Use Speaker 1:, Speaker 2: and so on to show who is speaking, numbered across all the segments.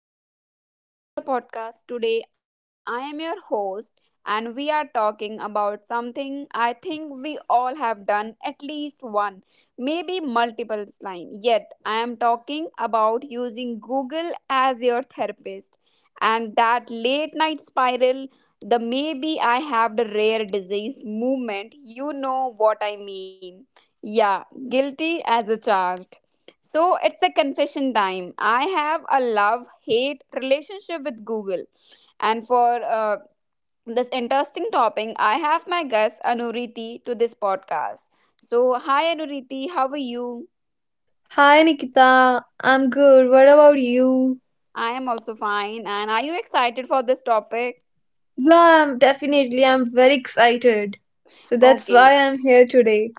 Speaker 1: everyone. Welcome back to the podcast. Today, I am your host, and we are talking about something I think we all have done at least one, maybe multiple times. Yet, I am talking about using Google as your therapist and that late night spiral, the maybe I have the rare disease movement. You know what I mean. Yeah, guilty as a charged. So it's a confession time. I have a love hate relationship with Google. And for this interesting topic, I have my guest Anuriti to this podcast. So, hi Anuriti, how are you?
Speaker 2: Hi Nikita, I'm good. What about you?
Speaker 1: I am also fine. And are you excited for this topic?
Speaker 2: Yeah, I'm definitely. I'm very excited. So that's
Speaker 1: Okay,
Speaker 2: why I'm here today.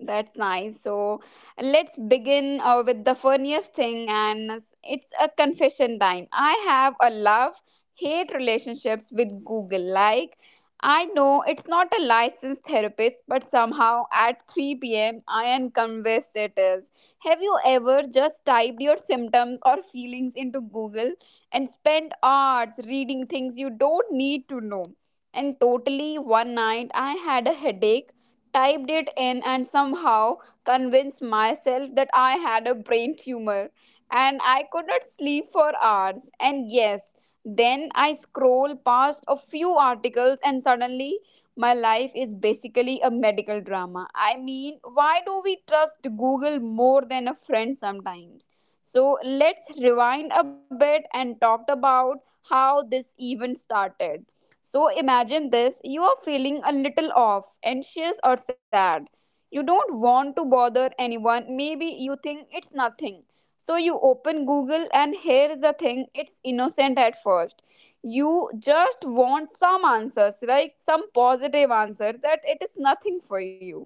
Speaker 1: that's nice. So let's begin with the funniest thing, and it's a confession time. I have a love hate relationships with Google. Like, I know it's not a licensed therapist, but somehow at 3 p.m., I am convinced it is. Have you ever just typed your symptoms or feelings into Google and spent hours reading things you don't need to know? And totally one night, I had a headache, typed it in, and somehow convinced myself that I had a brain tumor and I could not sleep for hours. And yes, then I scroll past a few articles and suddenly my life is basically a medical drama. I mean, why do we trust Google more than a friend sometimes? So let's rewind a bit and talk about how this even started. So imagine this, you are feeling a little off, anxious, or sad. You don't want to bother anyone, maybe you think it's nothing. So you open Google, and here's the thing, it's innocent at first. You just want some answers, like some positive answers, that it is nothing for you.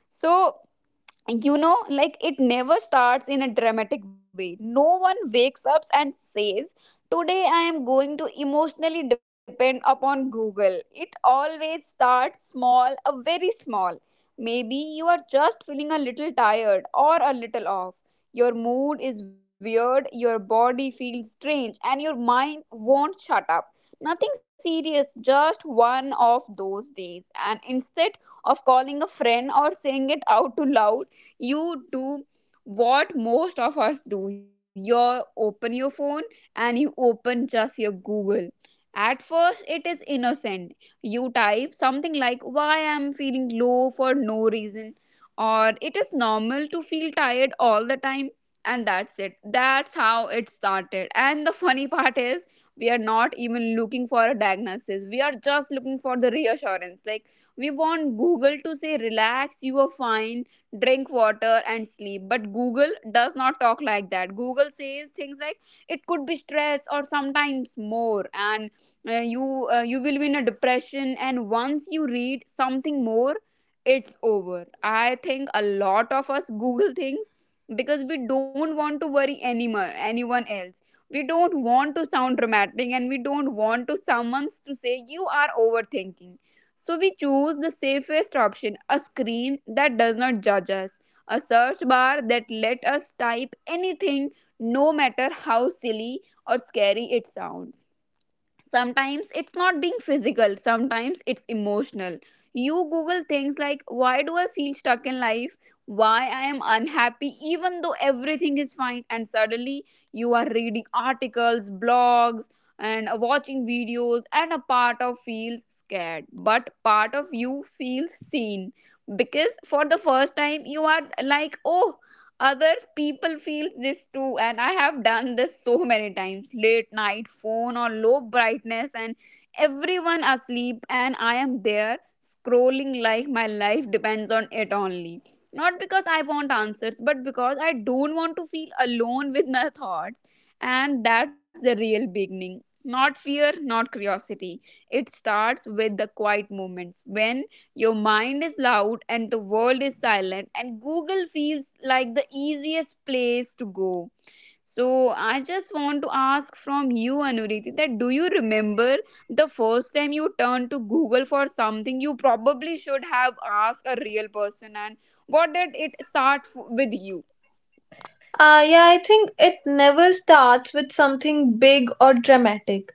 Speaker 1: So, like it never starts in a dramatic way. No one wakes up and says, today I am going to emotionally depend upon Google. It always starts small, a very small. Maybe you are just feeling a little tired or a little off. Your mood is weird, your body feels strange, and your mind won't shut up. Nothing serious, just one of those days. And instead of calling a friend or saying it out to loud, you do what most of us do. You open your phone, and you open just your Google. At first it is innocent. You type something like, why I'm feeling low for no reason, or it is normal to feel tired all the time. And that's it, that's how it started. And the funny part is, we are not even looking for a diagnosis, we are just looking for the reassurance. Like, we want Google to say, relax, you are fine, drink water and sleep. But Google does not talk like that. Google says things like, it could be stress or sometimes more. And you you will be in a depression. And once you read something more, it's over. I think a lot of us google things because we don't want to worry anyone else. We don't want to sound dramatic, and we don't want to someone to say you are overthinking. So we choose the safest option, a screen that does not judge us, a search bar that let us type anything, no matter how silly or scary it sounds. Sometimes it's not being physical, sometimes it's emotional. You google things like, why do I feel stuck in life, why I am unhappy even though everything is fine. And suddenly you are reading articles, blogs, and watching videos. And a part of feels scared, but part of you feels seen, because for the first time you are like, oh, other people feel this too. And I have done this so many times, late night phone or low brightness, and everyone asleep, and I am there scrolling like my life depends on it. Only not because I want answers, but because I don't want to feel alone with my thoughts. And that's the real beginning, not fear, not curiosity. It starts with the quiet moments when your mind is loud and the world is silent, and Google feels like the easiest place to go. So, I just want to ask from you, Anuriti, that do you remember the first time you turned to Google for something you probably should have asked a real person, and what did it start with you?
Speaker 2: Yeah, I think it never starts with something big or dramatic.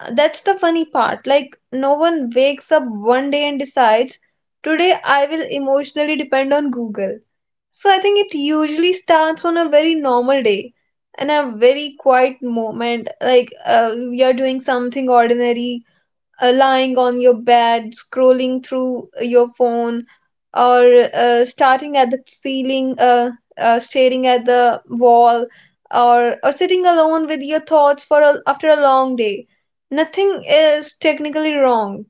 Speaker 2: That's the funny part. Like, no one wakes up one day and decides, today I will emotionally depend on Google. So I think it usually starts on a very normal day and a very quiet moment. Like, we are doing something ordinary lying on your bed, scrolling through your phone, or starting at the ceiling, staring at the wall, or sitting alone with your thoughts after a long day. Nothing is technically wrong,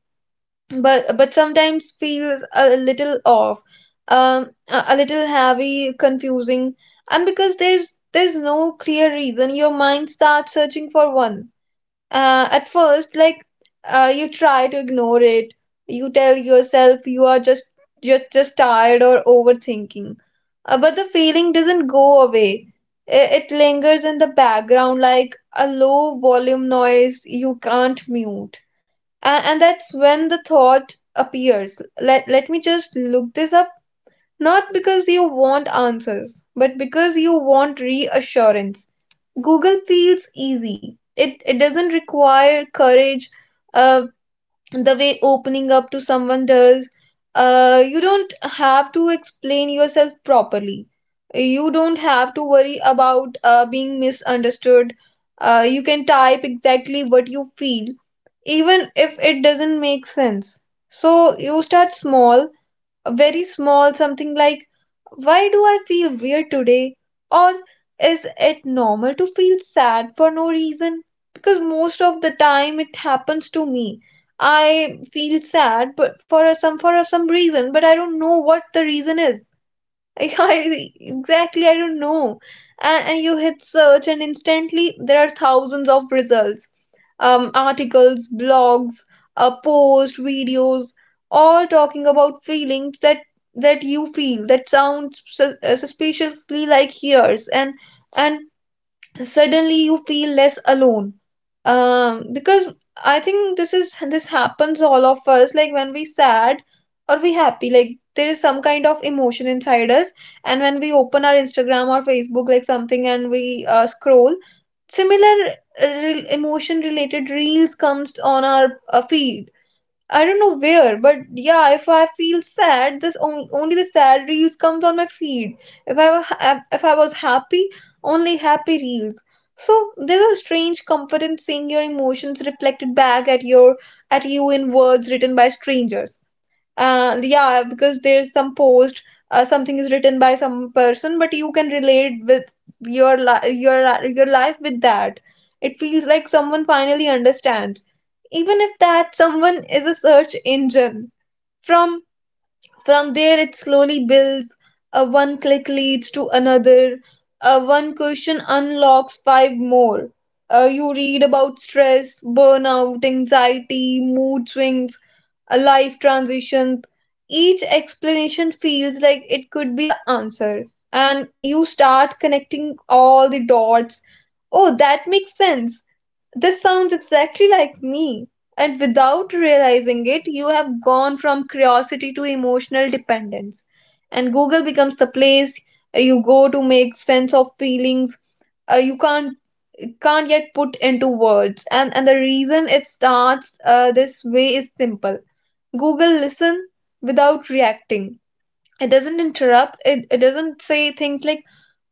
Speaker 2: but sometimes feels a little off, a little heavy, confusing, and because there's no clear reason, your mind starts searching for one. At first, like you try to ignore it. You tell yourself you are just you're just tired or overthinking. But the feeling doesn't go away. It lingers in the background like a low volume noise you can't mute. And that's when the thought appears: let me just look this up, not because you want answers but because you want reassurance. Google feels easy. It doesn't require courage, uh, the way opening up to someone does. You don't have to explain yourself properly. You don't have to worry about being misunderstood. You can type exactly what you feel, even if it doesn't make sense. So you start small, very small, something like, why do I feel weird today? Or is it normal to feel sad for no reason? Because most of the time it happens to me. I feel sad but for some reason, but I don't know what the reason is. I, exactly, I don't know. And you hit search, and instantly there are thousands of results, articles, blogs, posts, videos, all talking about feelings that you feel, that sounds suspiciously like yours, and suddenly you feel less alone. Because I think this happens all of us, like when we sad or we happy, like there is some kind of emotion inside us. And when we open our Instagram or Facebook like something and we scroll, similar emotion related reels comes on our feed. I don't know where, but yeah, if I feel sad, only the sad reels comes on my feed. If I was happy, only happy reels. So there's a strange comfort in seeing your emotions reflected back at your at you, in words written by strangers. Uh yeah, because there's some post, something is written by some person, but you can relate with your li- your life with that. It feels like someone finally understands, even if that someone is a search engine. From from there, it slowly builds. A one click leads to another. A one question unlocks five more. You read about stress, burnout, anxiety, mood swings, a life transition. Each explanation feels like it could be the answer, and you start connecting all the dots. Oh, that makes sense. This sounds exactly like me. And without realizing it, you have gone from curiosity to emotional dependence. And Google becomes the place you go to make sense of feelings you can't yet put into words. And the reason it starts this way is simple. Google listen without reacting. It doesn't interrupt. It doesn't say things like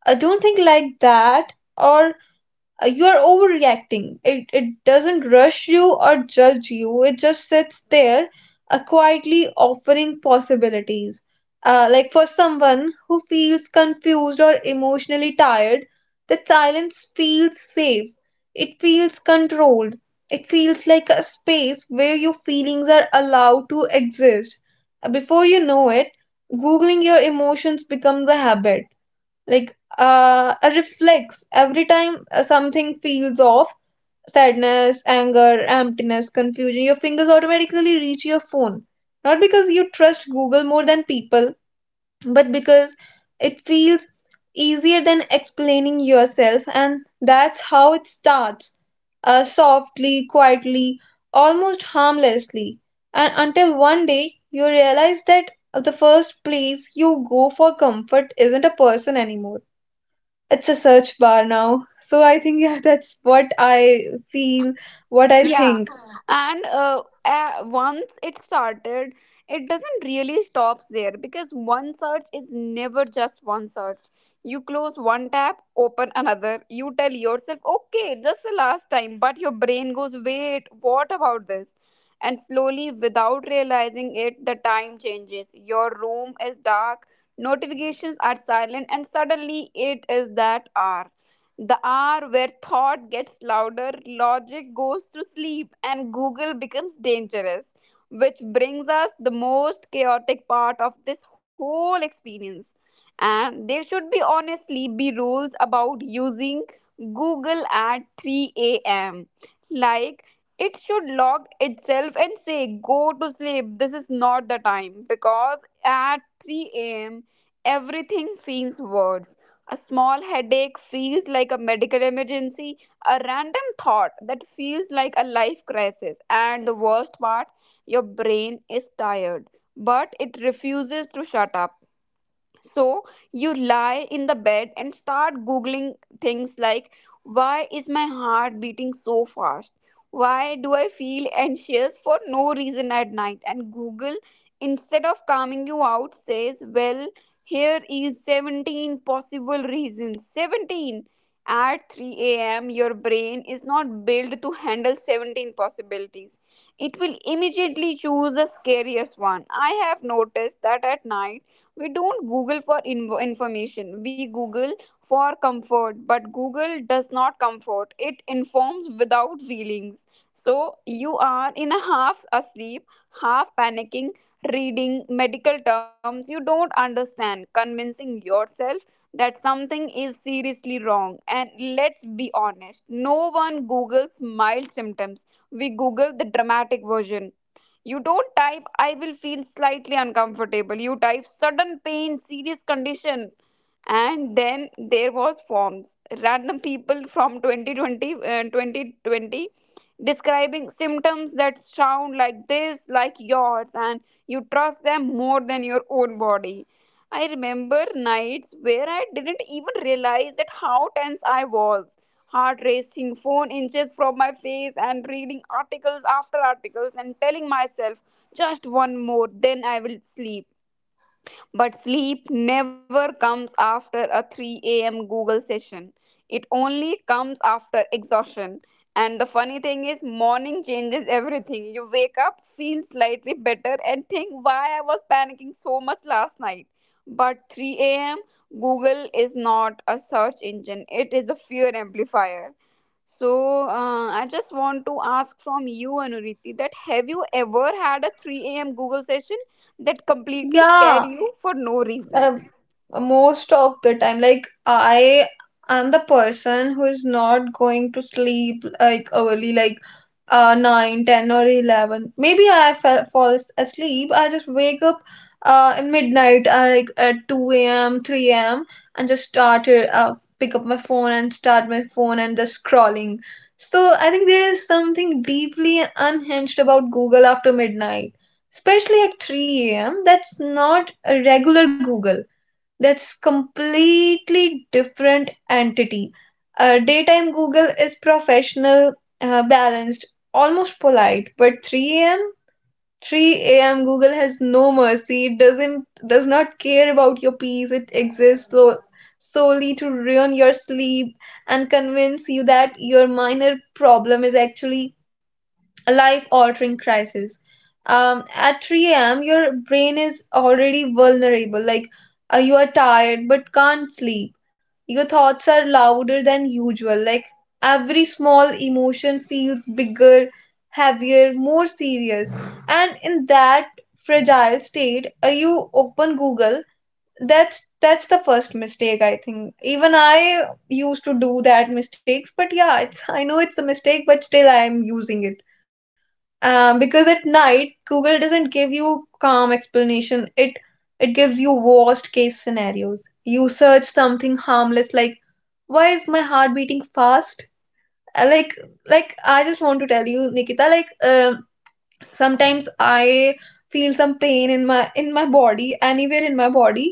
Speaker 2: I don't think like that, or you are overreacting. It doesn't rush you or judge you. It just sits there, quietly offering possibilities. Like for someone who feels confused or emotionally tired, that silence feels safe, it feels controlled, it feels like a space where your feelings are allowed to exist. Before you know it, Googling your emotions becomes a habit, like a reflex. Every time something feels off, sadness, anger, emptiness, confusion, your fingers automatically reach your phone, not because you trust Google more than people, but because it feels easier than explaining yourself. And that's how it starts, softly, quietly, almost harmlessly, and until one day you realize that the first place you go for comfort isn't a person anymore, it's a search bar now. So I think yeah, that's what I feel, what I
Speaker 1: Yeah.
Speaker 2: think.
Speaker 1: And once it started, it doesn't really stops there, because one search is never just one search. You close one tab, open another, you tell yourself okay, just the last time, but your brain goes, wait, what about this? And slowly, without realizing it, the time changes. Your room is dark, notifications are silent, and suddenly it is that hour, the hour where thought gets louder, logic goes to sleep, and Google becomes dangerous, which brings us the most chaotic part of this whole experience. And there should be honestly be rules about using Google at 3 a.m. Like, it should log itself and say, go to sleep, this is not the time, because at 3 a.m. everything feels worse. A small headache feels like a medical emergency, a random thought that feels like a life crisis, and the worst part, your brain is tired, but it refuses to shut up. So you lie in the bed and start Googling things like, why is my heart beating so fast? Why do I feel anxious for no reason at night? And Google, instead of calming you out, says, well, here is 17 possible reasons. 17! At 3 a.m., your brain is not built to handle 17 possibilities. It will immediately choose the scariest one. I have noticed that at night we don't google for invo information, we google for comfort, but Google does not comfort, it informs without feelings. So you are in a half asleep, half panicking, reading medical terms you don't understand, convincing yourself that something is seriously wrong. And let's be honest, no one googles mild symptoms, we google the dramatic version. You don't type, I will feel slightly uncomfortable. You type, sudden pain, serious condition. And then there was forms, random people from 2020 describing symptoms that sound like this, like yours, and you trust them more than your own body. I remember nights where I didn't even realize that how tense I was, heart racing, phone inches from my face, and reading articles after articles, and telling myself just one more, then I will sleep. But sleep never comes after a 3 a.m. Google session. It only comes after exhaustion. And the funny thing is, morning changes everything. You wake up, feel slightly better, and think, why I was panicking so much last night. But 3 a.m., Google is not a search engine, it is a fear amplifier. So I just want to ask from you, Anuriti, that have you ever had a 3 a.m. Google session that completely scared
Speaker 2: Yeah,
Speaker 1: you for no reason?
Speaker 2: Um, most of the time, like I am the person who is not going to sleep like early, like 9, 10, or 11. Maybe I fall asleep. I just wake up in midnight, like at 2 a.m., 3 a.m. and just pick up my phone and start my phone and just scrolling. So I think there is something deeply unhinged about Google after midnight, especially at 3 a.m. That's not a regular Google, that's completely different entity. Daytime Google is professional, balanced, almost polite, but 3 a.m. Google has no mercy. It does not care about your peace. It exists solely to ruin your sleep and convince you that your minor problem is actually a life altering crisis. Um, at 3 a.m., your brain is already vulnerable. Like you are tired but can't sleep. Your thoughts are louder than usual. Like every small emotion feels bigger, heavier, more serious. And in that fragile state, you open Google. That's the first mistake, I think. Even I used to do that mistakes, but yeah, it's, I know it's a mistake, but still I am using it, because at night Google doesn't give you calm explanation. It gives you worst case scenarios. You search something harmless like, why is my heart beating fast? Uh, like like I just want to tell you, Nikita, like sometimes I feel some pain in my body, anywhere in my body.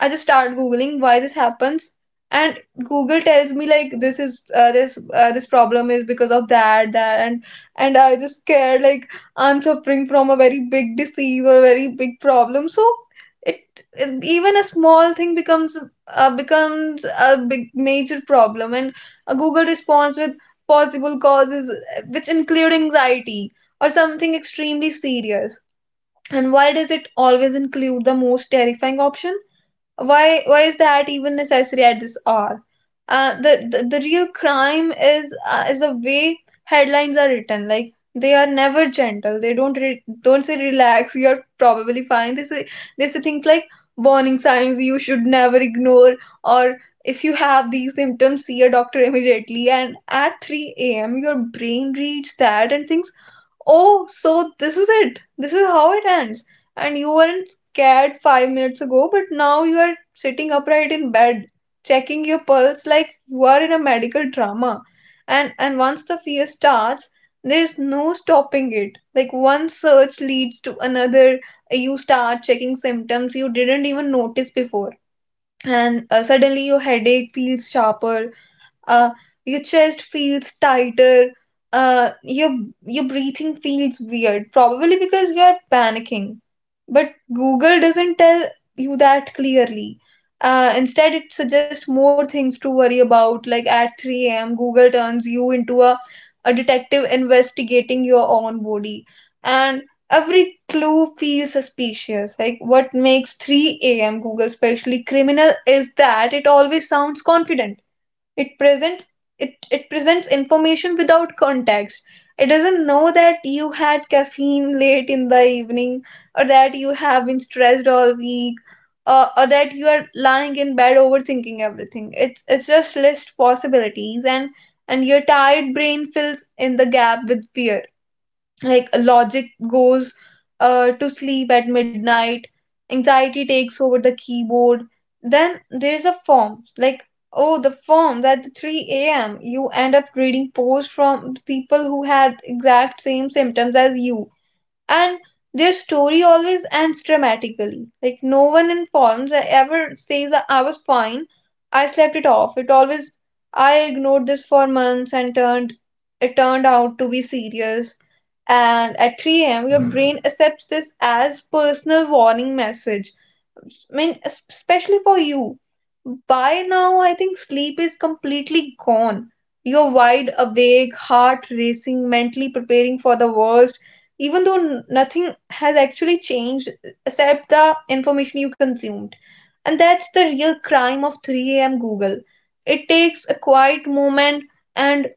Speaker 2: I just start Googling why this happens, and Google tells me like this is this problem is because of that. And I just care like I'm suffering from a very big disease or a very big problem. So it, it- even a small thing becomes a big major problem. And a Google responds with possible causes, which include anxiety or something extremely serious. And why does it always include the most terrifying option? Why is that even necessary at this hour? The real crime is, is the way headlines are written. Like they are never gentle. They don't say relax, you are probably fine. They say things like warning signs you should never ignore, or if you have these symptoms see a doctor immediately. And at 3 a.m. your brain reads that and thinks, oh, so this is it. This is how it ends. And you weren't scared 5 minutes ago, but now you are sitting upright in bed, checking your pulse like you are in a medical drama. And once the fear starts, there's no stopping it. Like one search leads to another. You start checking symptoms you didn't even notice before. And suddenly your headache feels sharper, uh, your chest feels tighter, uh, your your breathing feels weird, probably because you are panicking, but Google doesn't tell you that clearly. Instead, it suggests more things to worry about. Like at 3 a.m. Google turns you into a detective investigating your own body, and every clue feels suspicious. Like what makes 3 a.m. Google especially criminal is that it always sounds confident. it presents it presents information without context. It doesn't know that you had caffeine late in the evening, or that you have been stressed all week, or that you are lying in bed overthinking everything. It's just list possibilities, and your tired brain fills in the gap with fear. Like logic goes to sleep at midnight. Anxiety takes over the keyboard. Then there's a form, like oh, the forms at 3 a.m. You end up reading posts from people who had exact same symptoms as you, and their story always ends dramatically. Like no one in forms ever says that I was fine, I slept it off. It always, I ignored this for months and turned out to be serious. And at 3 a.m. your brain accepts this as personal warning message. I mean, especially for you. By now, I think sleep is completely gone. You're wide awake, heart racing, mentally preparing for the worst, even though nothing has actually changed except the information you consumed. And that's the real crime of 3 a.m. Google. It takes a quiet moment and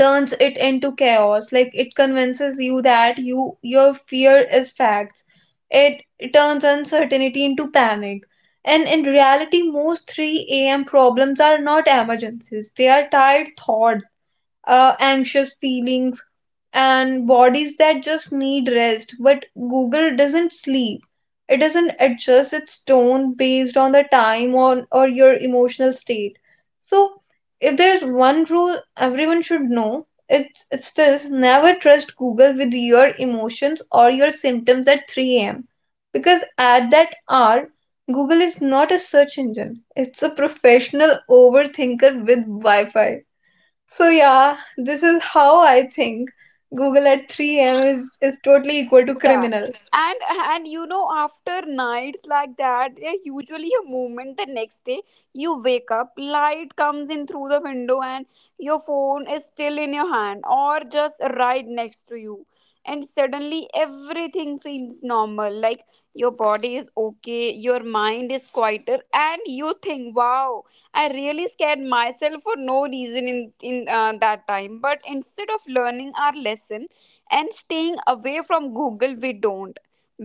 Speaker 2: turns it into chaos, like it convinces you that your fear is facts. It turns uncertainty into panic. And in reality, most 3 a.m. problems are not emergencies, they are tired thoughts, anxious feelings, and bodies that just need rest. But Google doesn't sleep. It doesn't adjust its tone based on the time on or your emotional state. So if there's one rule everyone should know, it's this: never trust Google with your emotions or your symptoms at 3 a.m. Because at that hour, Google is not a search engine. It's a professional overthinker with Wi-Fi. So yeah, this is how I think Google at 3 a.m. is totally equal to
Speaker 1: Yeah.
Speaker 2: criminal
Speaker 1: And you know, after nights like that, there usually a moment the next day. You wake up, light comes in through the window, and your phone is still in your hand or just right next to you, and suddenly everything feels normal. Like, your body is okay, your mind is quieter, and you think, wow, I really scared myself for no reason in that time. But instead of learning our lesson and staying away from Google, we don't,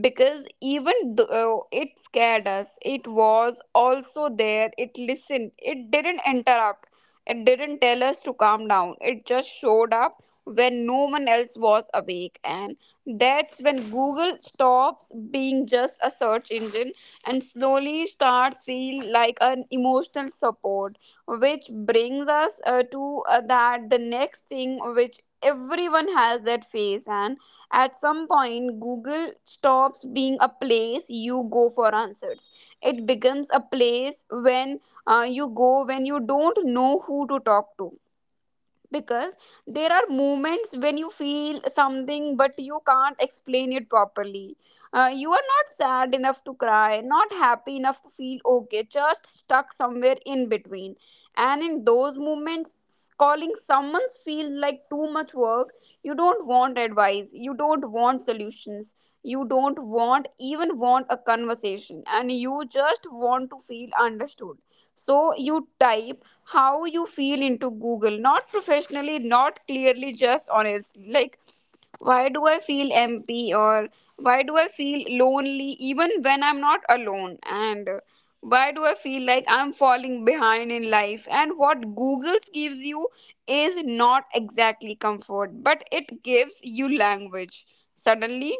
Speaker 1: because even though it scared us, it was also there. It listened, it didn't interrupt, it didn't tell us to calm down, it just showed up when no one else was awake. And that's when Google stops being just a search engine and slowly starts feel like an emotional support, which brings us to that the next thing which everyone has that phase. And at some point Google stops being a place you go for answers, it becomes a place when you go when you don't know who to talk to. Because there are moments when you feel something but you can't explain it properly. You are not sad enough to cry, not happy enough to feel okay, just stuck somewhere in between. And in those moments, calling someone's feel like too much work. You don't want advice, you don't want solutions, you don't want even want a conversation, and you just want to feel understood. So you type how you feel into Google, not professionally, not clearly, just honestly. Like, why do I feel empty, or why do I feel lonely even when I'm not alone, and why do I feel like I'm falling behind in life. And what Google gives you is not exactly comfort, but it gives you language. Suddenly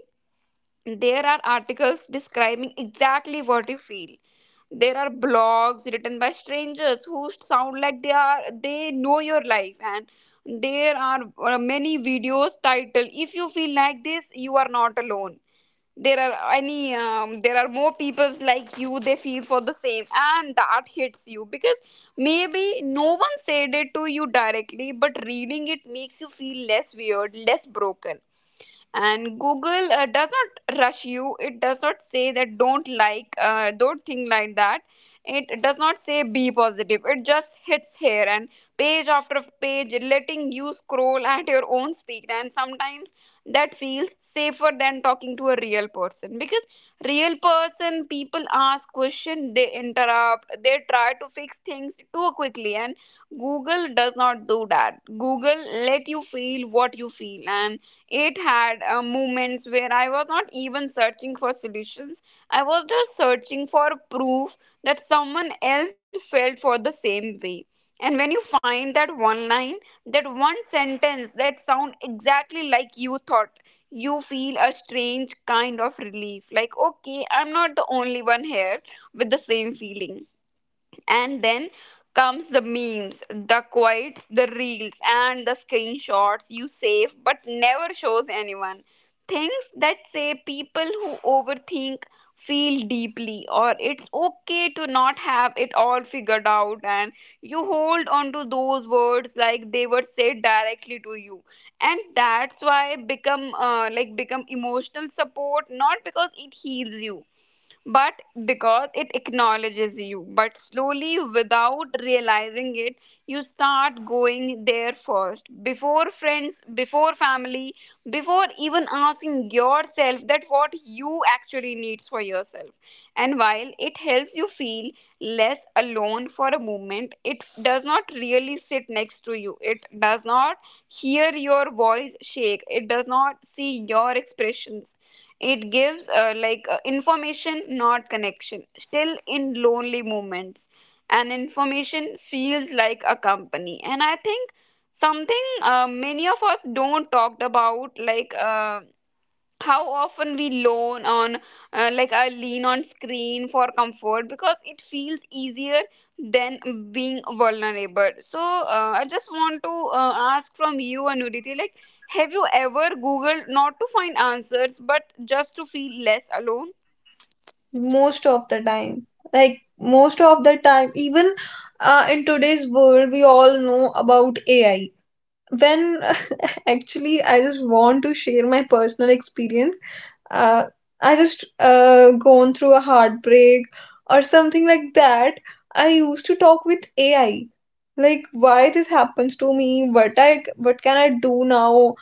Speaker 1: there are articles describing exactly what you feel, there are blogs written by strangers who sound like they know your life, and there are many videos titled, if you feel Like this, you are not alone. There are more people like you. They feel for the same, and that hits you because maybe no one said it to you directly, but reading it makes you feel less weird, less broken. And Google does not rush you. It does not say that don't don't think like that. It does not say be positive. It just hits here, and page after page, letting you scroll at your own speed. And sometimes that feels safer than talking to a real person, because real person, people ask question, they interrupt, they try to fix things too quickly. And Google does not do that. Google let you feel what you feel. And it had moments where I was not even searching for solutions. I was just searching for proof that someone else felt for the same way. And when you find that one line, that one sentence that sound exactly like you thought, you feel a strange kind of relief. Like, okay, I'm not the only one here with the same feeling. And then comes the memes, the quotes, the reels, and the screenshots you save but never shows anyone. Things that say people who overthink feel deeply, or it's okay to not have it all figured out. And you hold on to those words like they were said directly to you. And that's why become become emotional support. Not because it heals you, but because it acknowledges you. But slowly, without realizing it, you start going there first, before friends, before family, before even asking yourself that what you actually needs for yourself. And while it helps you feel less alone for a moment, it does not really sit next to you. It does not hear your voice shake. It does not see your expressions. It gives information, not connection. Still in lonely moments, and information feels like a company. And I think something, many of us don't talk about, like. How often we loan on I lean on screen for comfort because it feels easier than being vulnerable. So I just want to ask from you, Anuriti, like, have you ever googled not to find answers but just to feel less alone?
Speaker 2: most of the time. Like most of the time, even in today's world, we all know about AI. When Actually, I just want to share my personal experience. Uh, I just gone through a heartbreak or something like that. I used to talk with AI, like, why this happens to me, what can I do now,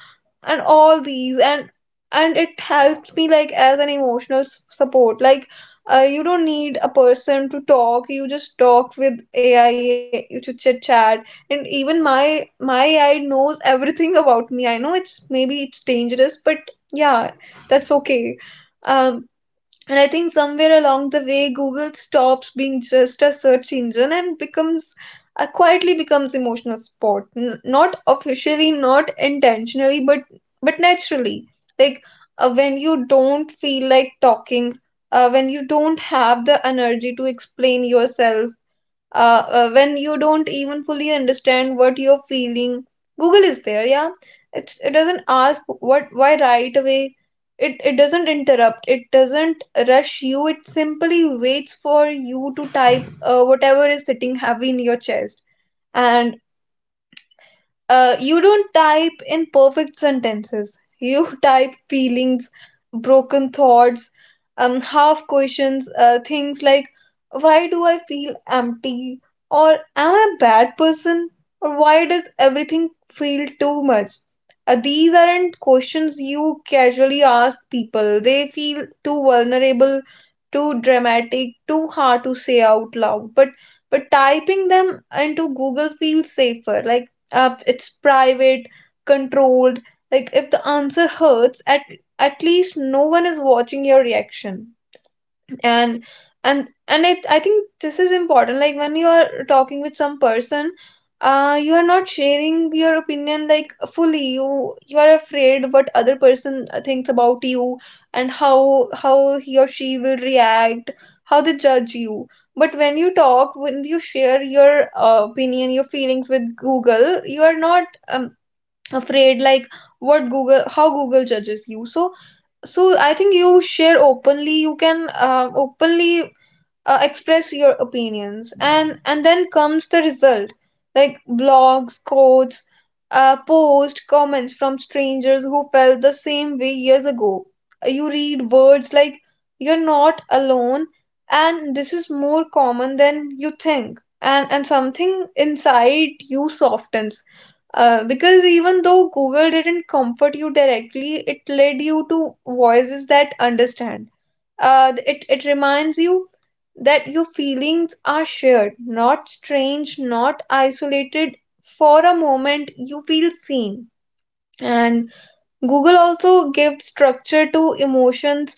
Speaker 2: and all these. And it helped me like as an emotional support. Like, you don't need a person to talk, you just talk with AI, you to chit chat. And even my AI knows everything about me. I know it's, maybe it's dangerous, but yeah, that's okay. um and I think somewhere along the way, Google stops being just a search engine and becomes quietly becomes emotional support. Not officially, not intentionally, but naturally. Like, when you don't feel like talking, when you don't have the energy to explain yourself, uh, when you don't even fully understand what you're feeling, Google is there. Yeah, it doesn't ask what, why, right away. It doesn't interrupt, it doesn't rush you. It simply waits for you to type whatever is sitting heavy in your chest. And you don't type in perfect sentences. You type feelings, broken thoughts, half questions, things like, why do I feel empty? Or, am I a bad person? Or, why does everything feel too much? These aren't questions you casually ask people. They feel too vulnerable, too dramatic, too hard to say out loud. But typing them into Google feels safer. Like, up, it's private, controlled. Like, if the answer hurts, at least no one is watching your reaction. And and and it, I think this is important, like, when you are talking with some person, you are not sharing your opinion like fully. You are afraid what other person thinks about you, and how he or she will react, how they judge you. But when you talk, when you share your opinion, your feelings with Google, you are not afraid, like, what Google, how Google judges you. So I think you share openly. You can openly express your opinions. And then comes the result, like blogs, quotes, post comments from strangers who felt the same way years ago. You read words like, "you're not alone," and, "this is more common than you think," and something inside you softens, because even though Google didn't comfort you directly, it led you to voices that understand. It reminds you that your feelings are shared, not strange, not isolated. For a moment, you feel seen. And Google also gives structure to emotions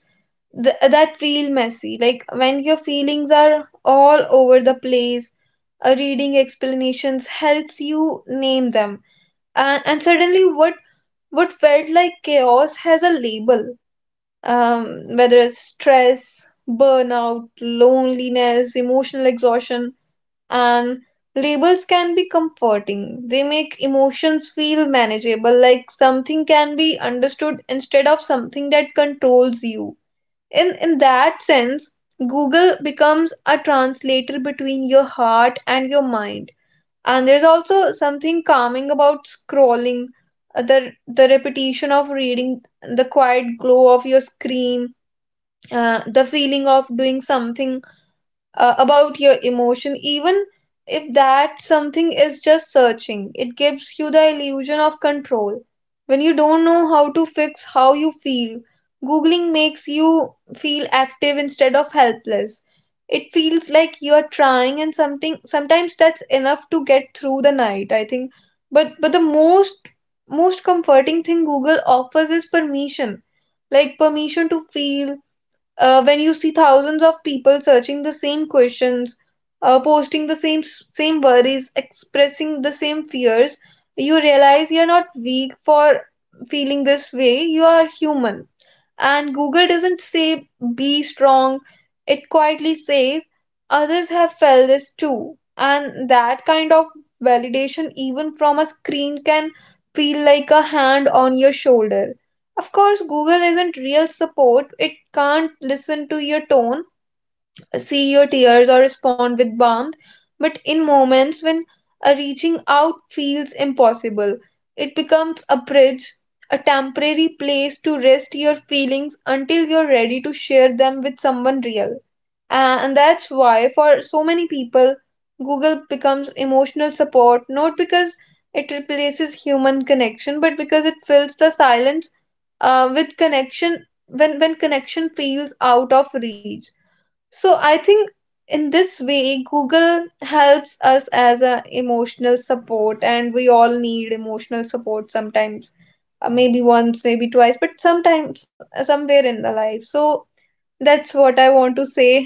Speaker 2: that feel messy. Like, when your feelings are all over the place, a reading explanations helps you name them. And suddenly, what felt like chaos has a label, whether it's stress, burnout, loneliness, emotional exhaustion. And labels can be comforting. They make emotions feel manageable, like something can be understood instead of something that controls you. In that sense, Google becomes a translator between your heart and your mind. And there's also something calming about scrolling, the repetition of reading, the quiet glow of your screen, the feeling of doing something about your emotion, even if that something is just searching. It gives you the illusion of control. When you don't know how to fix how you feel, Googling makes you feel active instead of helpless. It feels like you are trying, and something sometimes that's enough to get through the night, I think. But the most comforting thing Google offers is permission. Like, permission to feel. When you see thousands of people searching the same questions, posting the same worries, expressing the same fears, you realize you're not weak for feeling this way. You are human. And Google doesn't say, be strong. It quietly says, others have felt this too. And that kind of validation, even from a screen, can feel like a hand on your shoulder. Of course, Google isn't real support. It can't listen to your tone, see your tears, or respond with warmth. But in moments when a reaching out feels impossible, it becomes a bridge, a temporary place to rest your feelings until you're ready to share them with someone real. And that's why, for so many people, Google becomes emotional support, not because it replaces human connection, but because it fills the silence with connection when connection feels out of reach. So I think, in this way, Google helps us as a emotional support, and we all need emotional support sometimes, maybe once, maybe twice, but sometimes somewhere in the life. So that's what I want to say.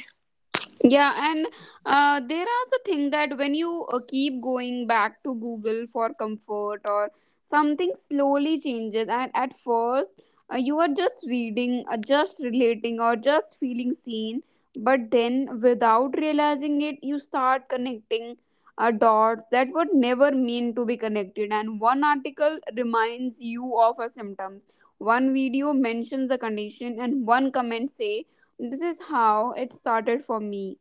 Speaker 1: Yeah, and there is a thing that when you keep going back to Google for comfort or something, slowly changes. And at first, you are just reading, just relating, or just feeling seen, but then without realizing it, you start connecting dots that were never meant to be connected. And one article reminds you of a symptoms, one video mentions a condition, and one comment say this is how it started for me.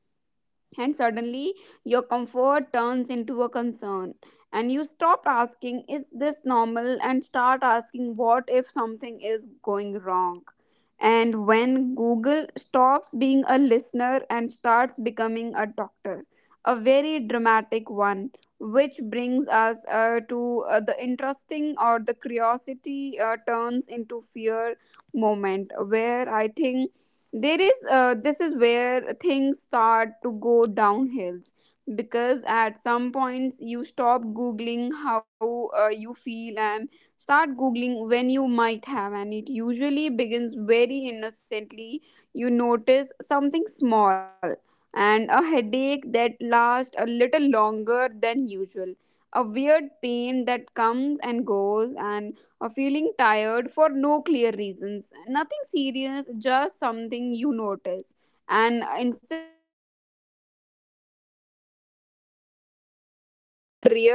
Speaker 1: And suddenly your comfort turns into a concern. And you stop asking is this normal and start asking what if something is going wrong. And when Google stops being a listener and starts becoming a doctor, a very dramatic one, which brings us to the interesting, or the curiosity turns into fear moment where I think there is this is where things start to go downhills. Because at some points you stop googling how you feel and start googling when you might have. And it usually begins very innocently. You notice something small, and a headache that lasts a little longer than usual, a weird pain that comes and goes, and or feeling tired for no clear reasons. Nothing serious, just something you notice. And instead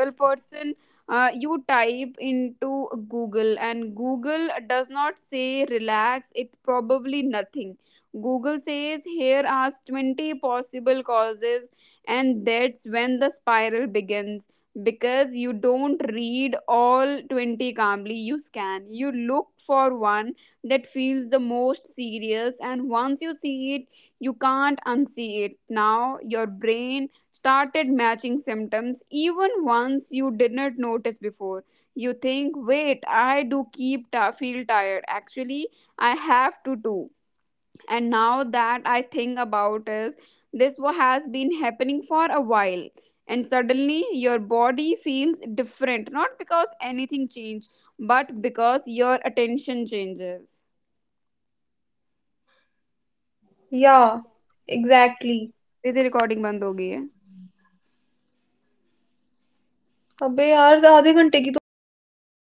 Speaker 3: Real person. You type into Google, and Google does not say relax, it probably nothing. Google says here are 20 possible causes, and that's when the spiral begins. Because you don't read all 20 calmly, you scan, you look for one that feels the most serious, and once you see it, you can't unsee it. Now your brain started matching symptoms, even ones you didn't notice before. You think, wait, I do keep feel tired. Actually, I have to do. And now that I think about is this has been happening for a while. And suddenly your body feels different, not because anything changed, but because your attention changes.
Speaker 2: Yeah, exactly.
Speaker 3: तेरी recording बंद हो गई है
Speaker 2: अबे यार आधे घंटे की तो हो गई थी